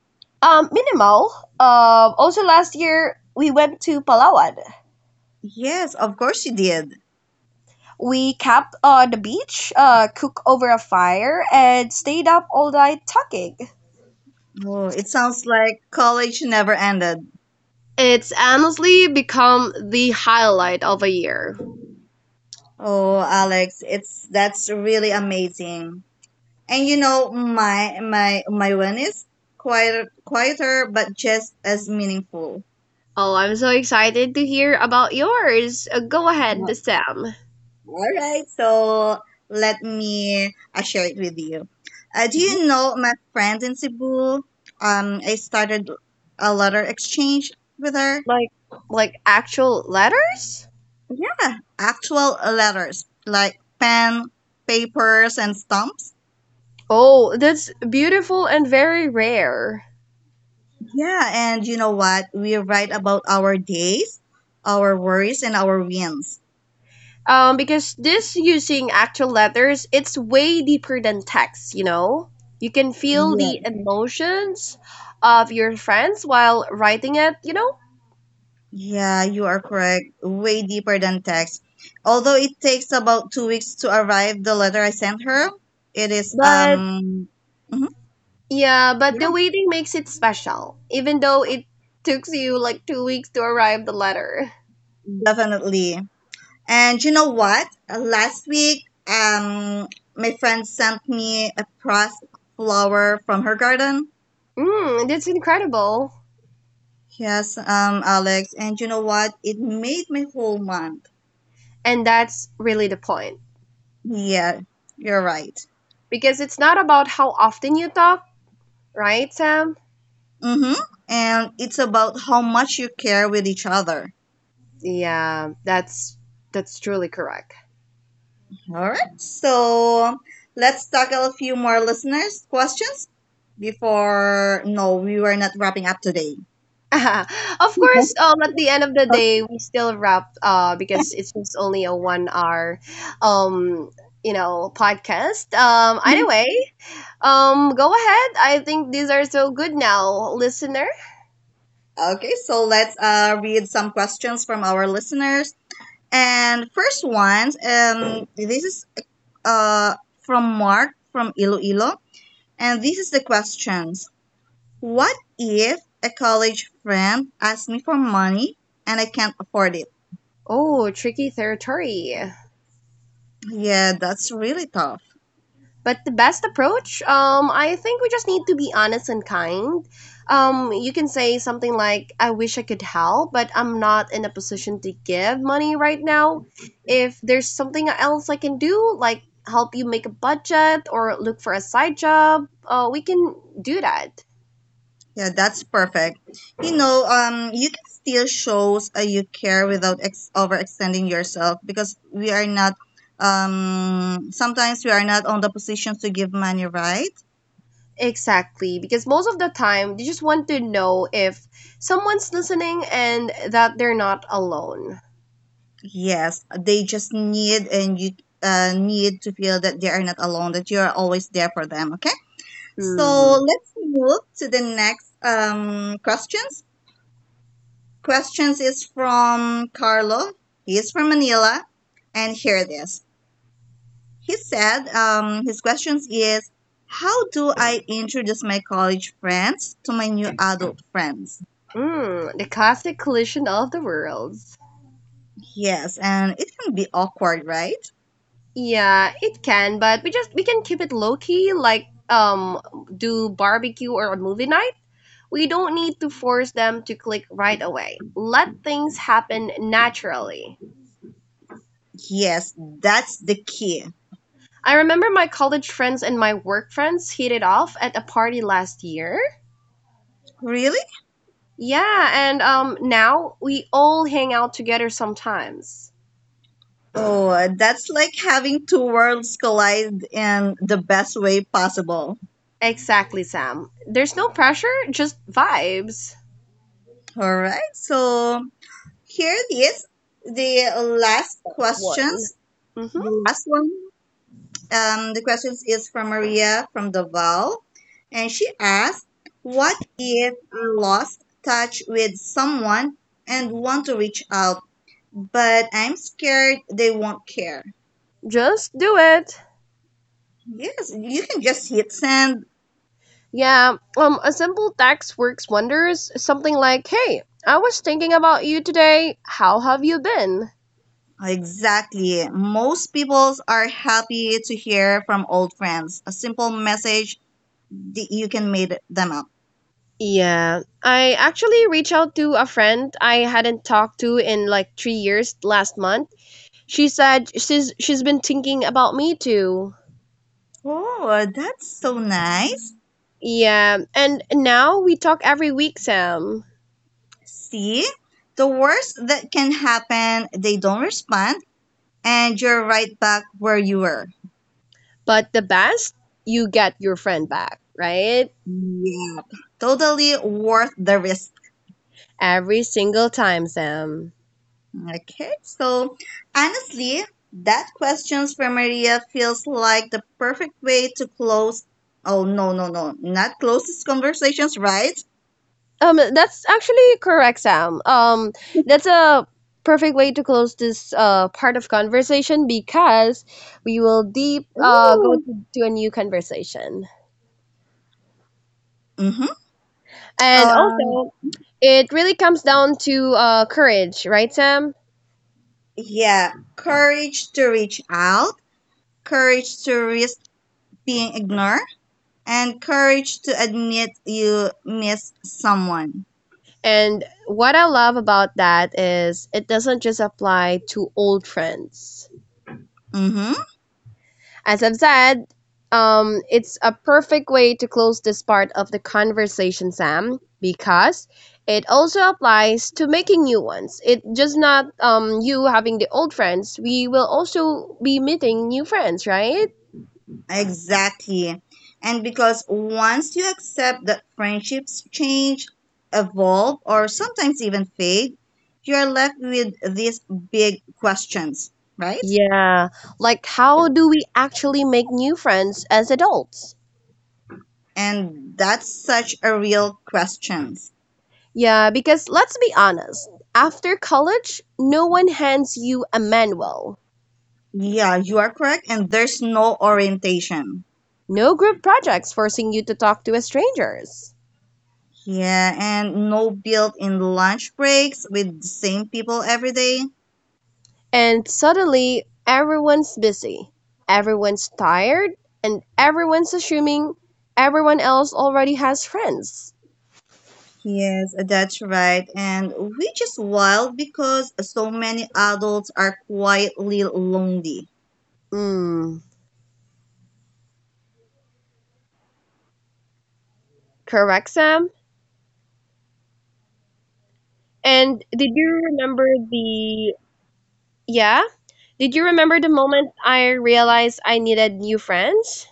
A: Um, minimal. Um, also, last year we went to Palawan.
B: Yes, of course you did.
A: We camped on the beach, uh, cooked over a fire, and stayed up all night talking.
B: Oh, it sounds like college never ended.
A: It's honestly become the highlight of a year.
B: Oh, Alex, it's that's really amazing. And you know, my my my one is quieter, quieter, but just as meaningful.
A: Oh, I'm so excited to hear about yours. Uh, Go ahead,
B: Well,
A: Sam.
B: all right, so let me uh, share it with you. Uh, do
A: Mhm.
B: you know my friend in Cebu? Um, I started a letter exchange with her.
A: Like, like actual letters?
B: Yeah, actual uh, letters like pen, papers, and stumps.
A: Oh, that's beautiful and very rare.
B: Yeah, and you know what? We write about our days, our worries, and our wins.
A: Um, because this using actual letters, it's way deeper than text, you know? You can feel the
B: Yeah.
A: emotions of your friends while writing it, you know?
B: Yeah, you are correct. Way deeper than text. Although it takes about two weeks to arrive the letter I sent her, it is
A: But
B: um mhm,
A: yeah, but
B: yeah,
A: the waiting makes it special, even though it took you like two weeks to arrive the letter.
B: definitely. And you know what? Uh, Last week, um, my friend sent me a pressed flower from her garden.
A: Mm, that's incredible.
B: Yes, um, Alex. And you know what? It made my whole month.
A: And that's really the point.
B: Yeah, you're right.
A: Because it's not about how often you talk, right, Sam?
B: Mm-hmm. And it's about how much you care with each other.
A: Yeah, that's that's truly correct.
B: All right. So let's tackle a few more listeners' questions before. No, we were not wrapping up today.
A: Of course, um, at the end of the day, we still wrap uh, because it's just only a one hour, um, you know, podcast. Um, anyway, um, go ahead. I think these are so good now, listener.
B: Okay, so let's uh, read some questions from our listeners. And first one, um, this is uh, from Mark from Iloilo. And this is the questions. What if a college friend asks me for money and I can't afford it?
A: Oh, tricky territory.
B: Yeah, that's really tough.
A: But the best approach, um, I think we just need to be honest and kind. Um, you can say something like, "I wish I could help, but I'm not in a position to give money right now. If there's something else I can do, like help you make a budget or look for a side job, uh, we can do that."
B: Yeah, that's perfect. You know, um, you can still shows uh, you care without ex- overextending yourself, because we are not, um, sometimes we are not on the position to give money, right?
A: Exactly, because most of the time they just want to know if someone's listening and that they're not alone.
B: Yes, they just need, and you uh, need to feel that they are not alone, that you are always there for them. Okay, so
A: Mm-hmm.
B: let's move to the next um questions. Questions is from Carlo. He is from Manila, and here it is. He said um, his questions is, how do I introduce my college friends to my new adult friends?
A: Mm, the cosmic collision of the worlds.
B: Yes, and it can be awkward, right?
A: Yeah, it can, but we just we can keep it low key, like um do barbecue or a movie night. We don't need to force them to click right away. Let things happen naturally.
B: Yes, that's the key.
A: I remember my college friends and my work friends hit it off at a party last year.
B: Really?
A: Yeah, and um now we all hang out together sometimes.
B: Oh, that's like having two worlds collide in the best way possible.
A: Exactly, Sam. There's no pressure, just vibes.
B: All right. So here it is. The last
A: One.
B: questions.
A: hmm
B: The last one. Um, the question is from Maria from Davao, and she asked, "What if I lost touch with someone and want to reach out, but I'm scared they won't care?"
A: Just do it.
B: Yes, you can just hit send.
A: Yeah, um, a simple text works wonders. Something like, "Hey, I was thinking about you today. How have you been?"
B: Exactly. Most people are happy to hear from old friends. A simple message that you can meet them up.
A: Yeah, I actually reached out to a friend I hadn't talked to in like three years last month. She said she's she's been thinking about me too.
B: Oh, that's so nice.
A: Yeah, and now we talk every week, Sam.
B: See, the worst that can happen, they don't respond, and you're right back where you were.
A: But the best, you get your friend back, right?
B: Yep. Totally worth the risk.
A: Every single time, Sam.
B: Okay, so honestly, that questions from Maria feels like the perfect way to close. Oh, no, no, no, not close these conversations, right?
A: Um, that's actually correct, Sam. Um, that's a perfect way to close this uh, part of conversation because we will deep uh, go
B: Ooh.
A: to, to a new conversation.
B: Mm-hmm.
A: And
B: Um,
A: also, it really comes down to uh, courage, right, Sam?
B: yeah, courage to reach out, courage to risk being ignored, and courage to admit you miss someone.
A: And what I love about that is it doesn't just apply to old friends.
B: Mm-hmm.
A: As I've said, um, it's a perfect way to close this part of the conversation, Sam, because it also applies to making new ones. It just not um you having the old friends. We will also be meeting new friends, right?
B: Exactly. And because once you accept that friendships change, evolve, or sometimes even fade, you're left with these big questions, right?
A: Yeah. Like how do we actually make new friends as adults?
B: And that's such a real question.
A: Yeah, because let's be honest, after college, no one hands you a manual.
B: Yeah, you are correct. And there's no orientation.
A: No group projects forcing you to talk to strangers.
B: Yeah, and no built in lunch breaks with the same people every day.
A: And suddenly everyone's busy, everyone's tired, and everyone's assuming everyone else already has friends.
B: Yes, that's right. And which is wild because so many adults are quietly lonely.
A: Mm, correct, Sam? And did you remember the. Yeah? Did you remember the moment I realized I needed new friends?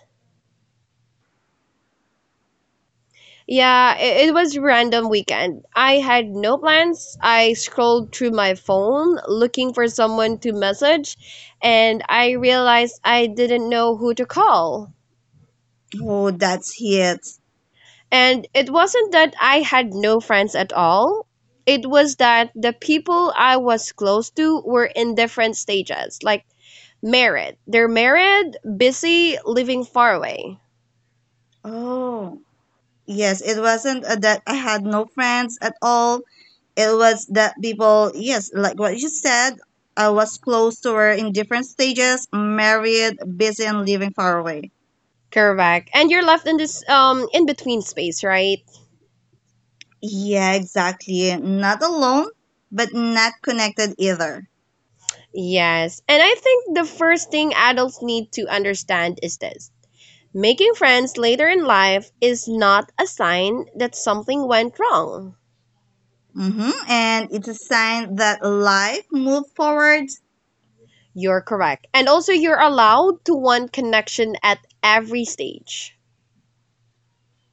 A: Yeah, it, it was random weekend. I had no plans. I scrolled through my phone looking for someone to message and I realized I didn't know who to call.
B: Oh, that's it.
A: And it wasn't that I had no friends at all. It was that the people I was close to were in different stages, like married. They're married, busy, living far away.
B: Oh, yes. It wasn't uh, that I had no friends at all. It was that people, yes, like what you said, I was close to her in different stages, married, busy, and living far away.
A: Correct. And you're left in this um in between space, right?
B: Yeah, exactly. Not alone, but not connected either.
A: Yes. And I think the first thing adults need to understand is this. Making friends later in life is not a sign that something went wrong.
B: Mm-hmm. And it's a sign that life moved forward.
A: You're correct. And also, you're allowed to want connection at every stage.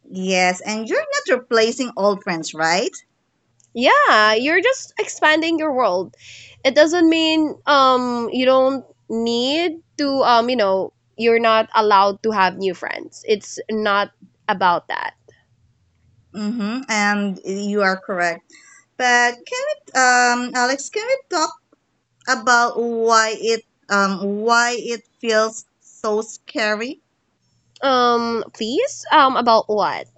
B: Yes, and you're not replacing old friends, right?
A: Yeah, you're just expanding your world. It doesn't mean um you don't need to um you know you're not allowed to have new friends. It's not about that.
B: Mm-hmm. And you are correct. But can it, um, Alex, can we talk about why it, um, why it feels so scary?
A: Um, please. Um, about what?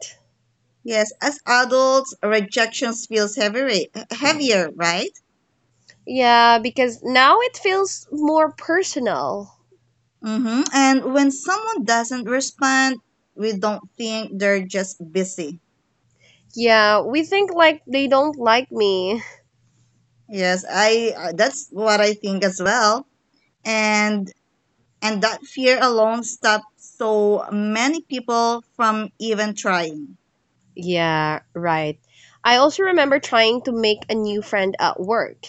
B: Yes, as adults, rejections feels heavier, heavier, right?
A: Yeah, because now it feels more personal.
B: Mm-hmm. And when someone doesn't respond, we don't think they're just busy.
A: Yeah, we think like they don't like me.
B: Yes, I. Uh, that's what I think as well. And and that fear alone stops so many people from even trying.
A: Yeah, right. I also remember trying to make a new friend at work.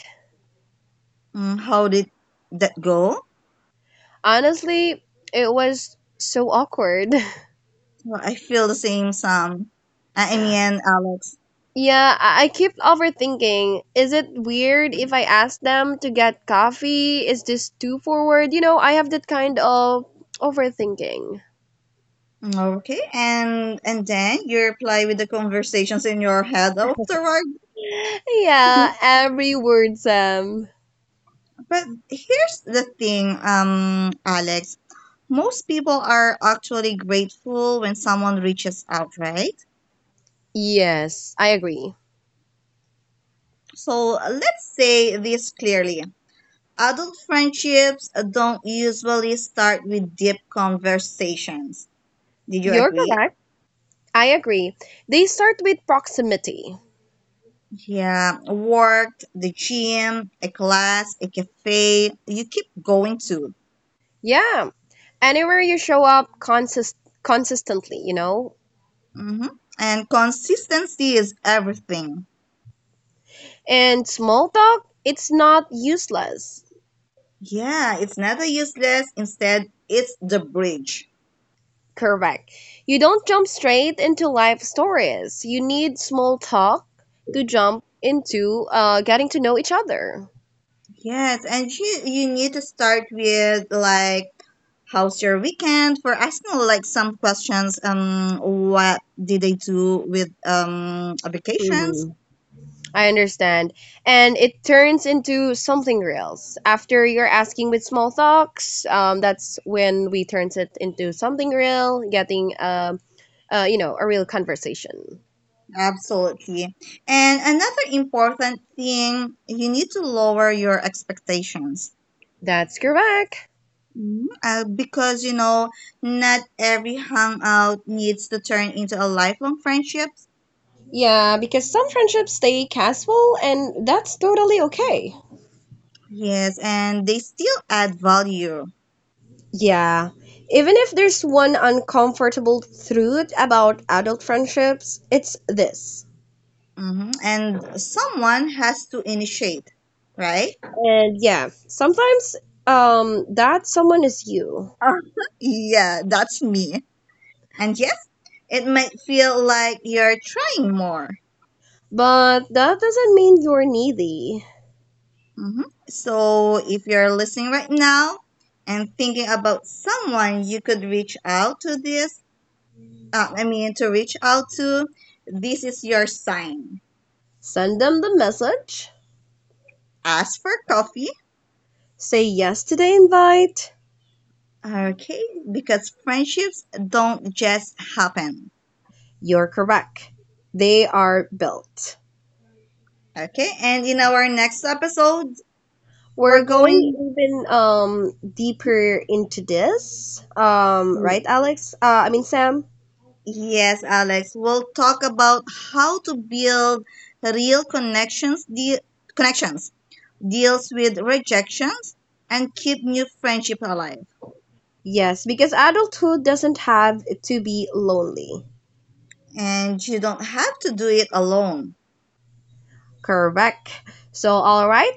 B: Mm, how did that go?
A: Honestly, it was so awkward.
B: Well, I feel the same, Sam. I I mean, Alex.
A: Yeah, I, I keep overthinking. Is it weird if I ask them to get coffee? Is this too forward? You know, I have that kind of overthinking.
B: Okay, and and then you reply with the conversations in your head afterward.
A: Yeah, every word, Sam.
B: But here's the thing, um, Alex. Most people are actually grateful when someone reaches out, right?
A: Yes, I agree.
B: So let's say this clearly. Adult friendships don't usually start with deep conversations. Did you
A: You're
B: agree?
A: correct. I agree. They start with proximity.
B: Yeah, work, the gym, a class, a cafe you keep going to.
A: Yeah, anywhere you show up consist- consistently, you know?
B: hmm And consistency is everything.
A: And small talk, it's not useless.
B: Yeah, it's never useless. Instead, it's the bridge.
A: Correct. You don't jump straight into life stories. You need small talk to jump into uh, getting to know each other.
B: Yes, and you you need to start with like how's your weekend, for asking like some questions. Um, what did they do with um vacations?
A: hmm I understand. And it turns into something real. After you're asking with small talks, um, that's when we turns it into something real, getting um, uh, you know, a real conversation.
B: Absolutely. And another important thing, you need to lower your expectations.
A: That's correct.
B: Mhm. Uh, because, you know, not every hangout needs to turn into a lifelong friendship.
A: Yeah, because some friendships stay casual, and that's totally okay.
B: Yes, and they still add value.
A: Yeah. Even if there's one uncomfortable truth about adult friendships, it's this.
B: Hmm. And someone has to initiate, right?
A: And yeah, sometimes um that someone is you.
B: Uh, yeah, that's me. And yes, it might feel like you're trying more.
A: But that doesn't mean you're needy.
B: Mhm. So, if you're listening right now and thinking about someone you could reach out to this, uh, I mean, to reach out to, this is your sign.
A: Send them the message.
B: Ask for coffee,
A: Say yes to the invite.
B: okay? Because friendships don't just happen,
A: You're correct. They are built.
B: okay? And in our next episode, we're
A: We're going
B: going,
A: even um deeper into this. Um, right, Alex? Uh, I mean Sam.
B: yes, Alex. We'll talk about how to build real connections, de- connections, deals with rejections, and keep new friendship alive.
A: Yes, because adulthood doesn't have to be lonely.
B: And you don't have to do it alone.
A: Correct. So, all right.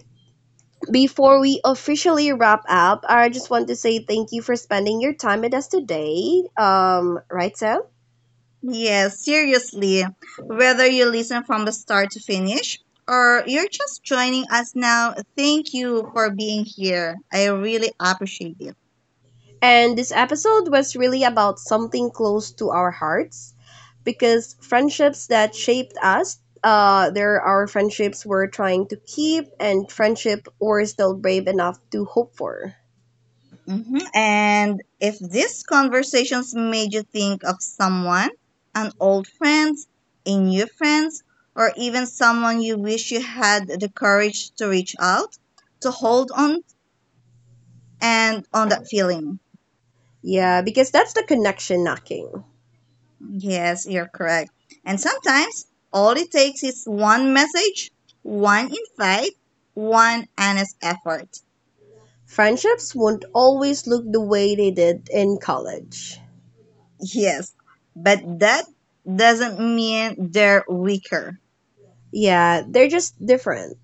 A: Before we officially wrap up, I just want to say thank you for spending your time with us today. Um, right, Sam?
B: Yes, seriously. Whether you listen from the start to finish or you're just joining us now, thank you for being here. I really appreciate it.
A: And this episode was really about something close to our hearts because friendships that shaped us, uh, there are friendships we're trying to keep and friendship we're still brave enough to hope for.
B: Hmm. And if these conversations made you think of someone, an old friend, a new friend, or even someone you wish you had the courage to reach out to, hold on and on that feeling.
A: Yeah, because that's the connection knocking.
B: Yes, you're correct. And sometimes all it takes is one message, one invite, one honest effort.
A: Friendships won't always look the way they did in college.
B: Yes, but that doesn't mean they're weaker.
A: Yeah, they're just different.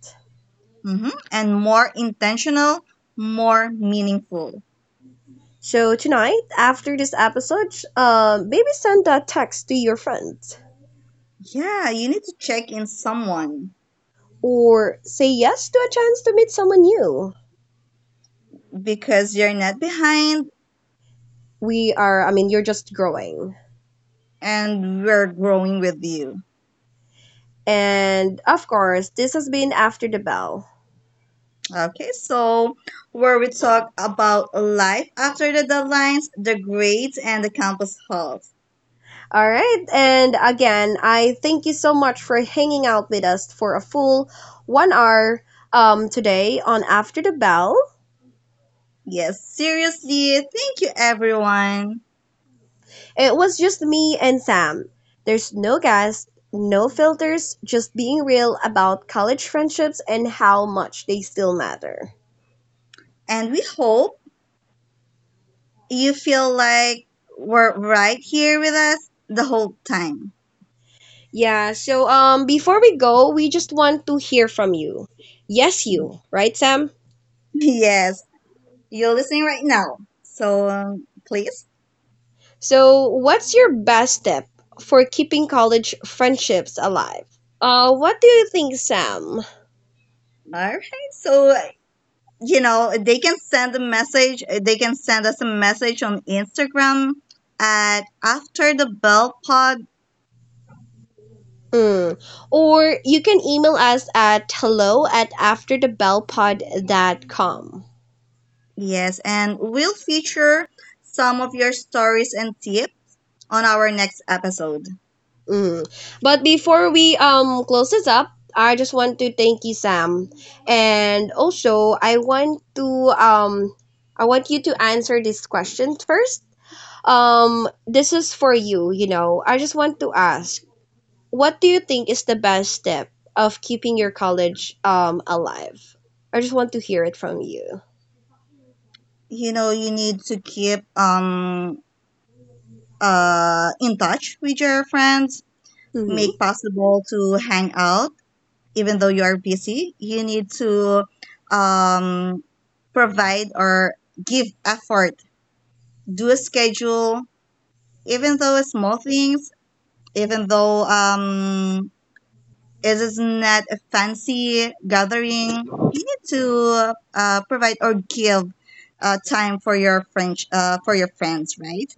B: Hmm. And more intentional, more meaningful.
A: So tonight, after this episode, uh, maybe send a text to your friends
B: Yeah, you need to check in someone
A: or say yes to a chance to meet someone new.
B: because you're not behind
A: We are, I mean, you're just growing.
B: and we're growing with you.
A: And of course, this has been After the Bell.
B: Okay, so where we talk about life after the deadlines, the grades, and the campus halls.
A: All right. And again, I thank you so much for hanging out with us for a full one hour um, today on After the Bell.
B: Yes, seriously, thank you everyone.
A: It was just me and Sam. There's no guest, no filters, just being real about college friendships and how much they still matter.
B: And we hope you feel like we're right here with us the whole time.
A: Yeah, so um before we go, we just want to hear from you. Yes, you, right, Sam?
B: Yes, you're listening right now. So um, please.
A: So, what's your best tip for keeping college friendships alive? Uh, what do you think, Sam?
B: All right. So, uh, you know, they can send a message. uh, They can send us a message on Instagram at After the Bell Pod.
A: Mm. Or you can email us at hello at afterthebellpod dot com.
B: Yes. And we'll feature some of your stories and tips on our next episode.
A: Mm. But before we um close this up, I just want to thank you, Sam, and also I want to um I want you to answer this question first. Um, this is for you. You know, I just want to ask, what do you think is the best step of keeping your college um alive? I just want to hear it from you.
B: You know, you need to keep um uh in touch with your friends, make possible to hang out even though you are busy, you need to um, provide or give effort, do a schedule, even though it's small things, even though um, it is not a fancy gathering, you need to uh, provide or give uh, time for your French uh, for your friends, right?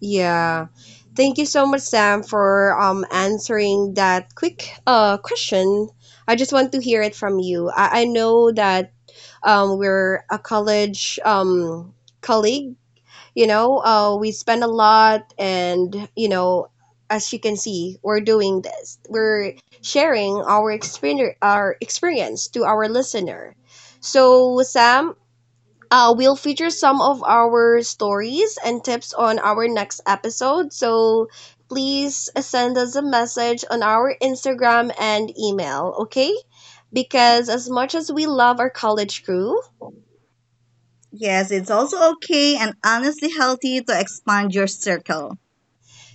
A: Yeah. Thank you so much, Sam, for um answering that quick uh question. I just want to hear it from you. I, I know that um we're a college um colleague, you know, uh we spend a lot and you know, as you can see, we're doing this. We're sharing our experience our experience to our listener. So Sam, uh, we'll feature some of our stories and tips on our next episode. So please send us a message on our Instagram and email, okay? Because as much as we love our college crew,
B: Yes, it's also okay and honestly healthy to expand your circle.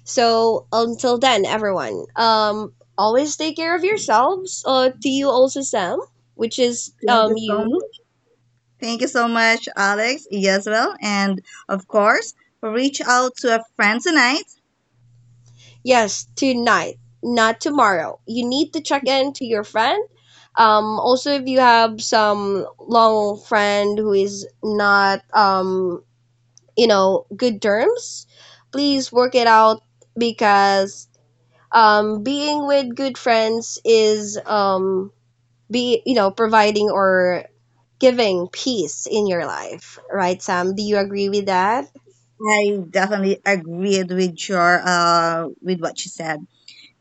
A: so until then, everyone, um, always take care of yourselves. Uh, to you also, Sam, which is
B: Thank you
A: um
B: so
A: you.
B: Thank you so much, Alex, yes, well. And of course, reach out to a friend tonight.
A: Yes, tonight, not tomorrow. You need to check in to your friend. Um, also, if you have some long friend who is not, um, you know, good terms, please work it out because um, being with good friends is um, be you know providing or giving peace in your life, right, Sam? Do you agree with that?
B: I definitely agreed with your uh with what she said.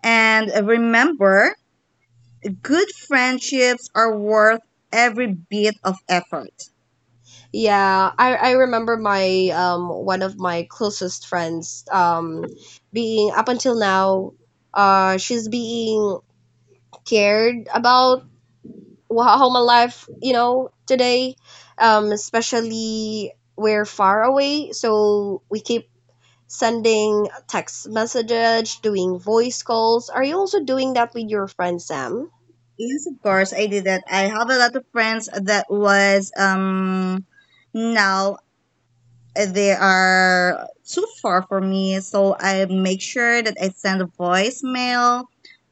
B: And remember, good friendships are worth every bit of effort.
A: Yeah, I I remember my um one of my closest friends um being up until now, uh, she's being cared about wh- how my life, you know, today. Um, especially we're far away, so we keep sending text messages, doing voice calls. Are you also doing that with your friend Sam?
B: Yes, of course, I did that. I have a lot of friends that was um now uh, they are too far for me. So I make sure that I send a voicemail.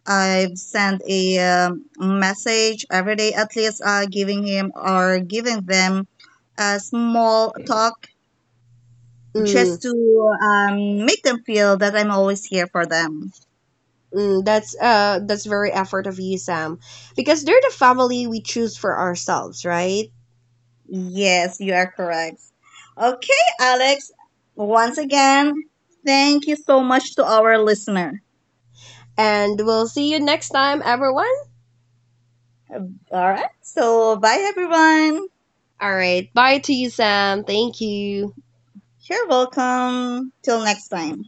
B: I've sent a um, message every day, at least uh, giving him or giving them a small talk just
A: Mm,
B: to um, make them feel that I'm always here for them.
A: mm, that's uh, that's very effort of you, Sam, because they're the family we choose for ourselves, right?
B: Yes, you are correct. Okay, Alex, once again, thank you so much to our listener.
A: And we'll see you next time, everyone.
B: All right, so bye everyone.
A: All right, bye to you, Sam. Thank you.
B: Sure, welcome. Till next time.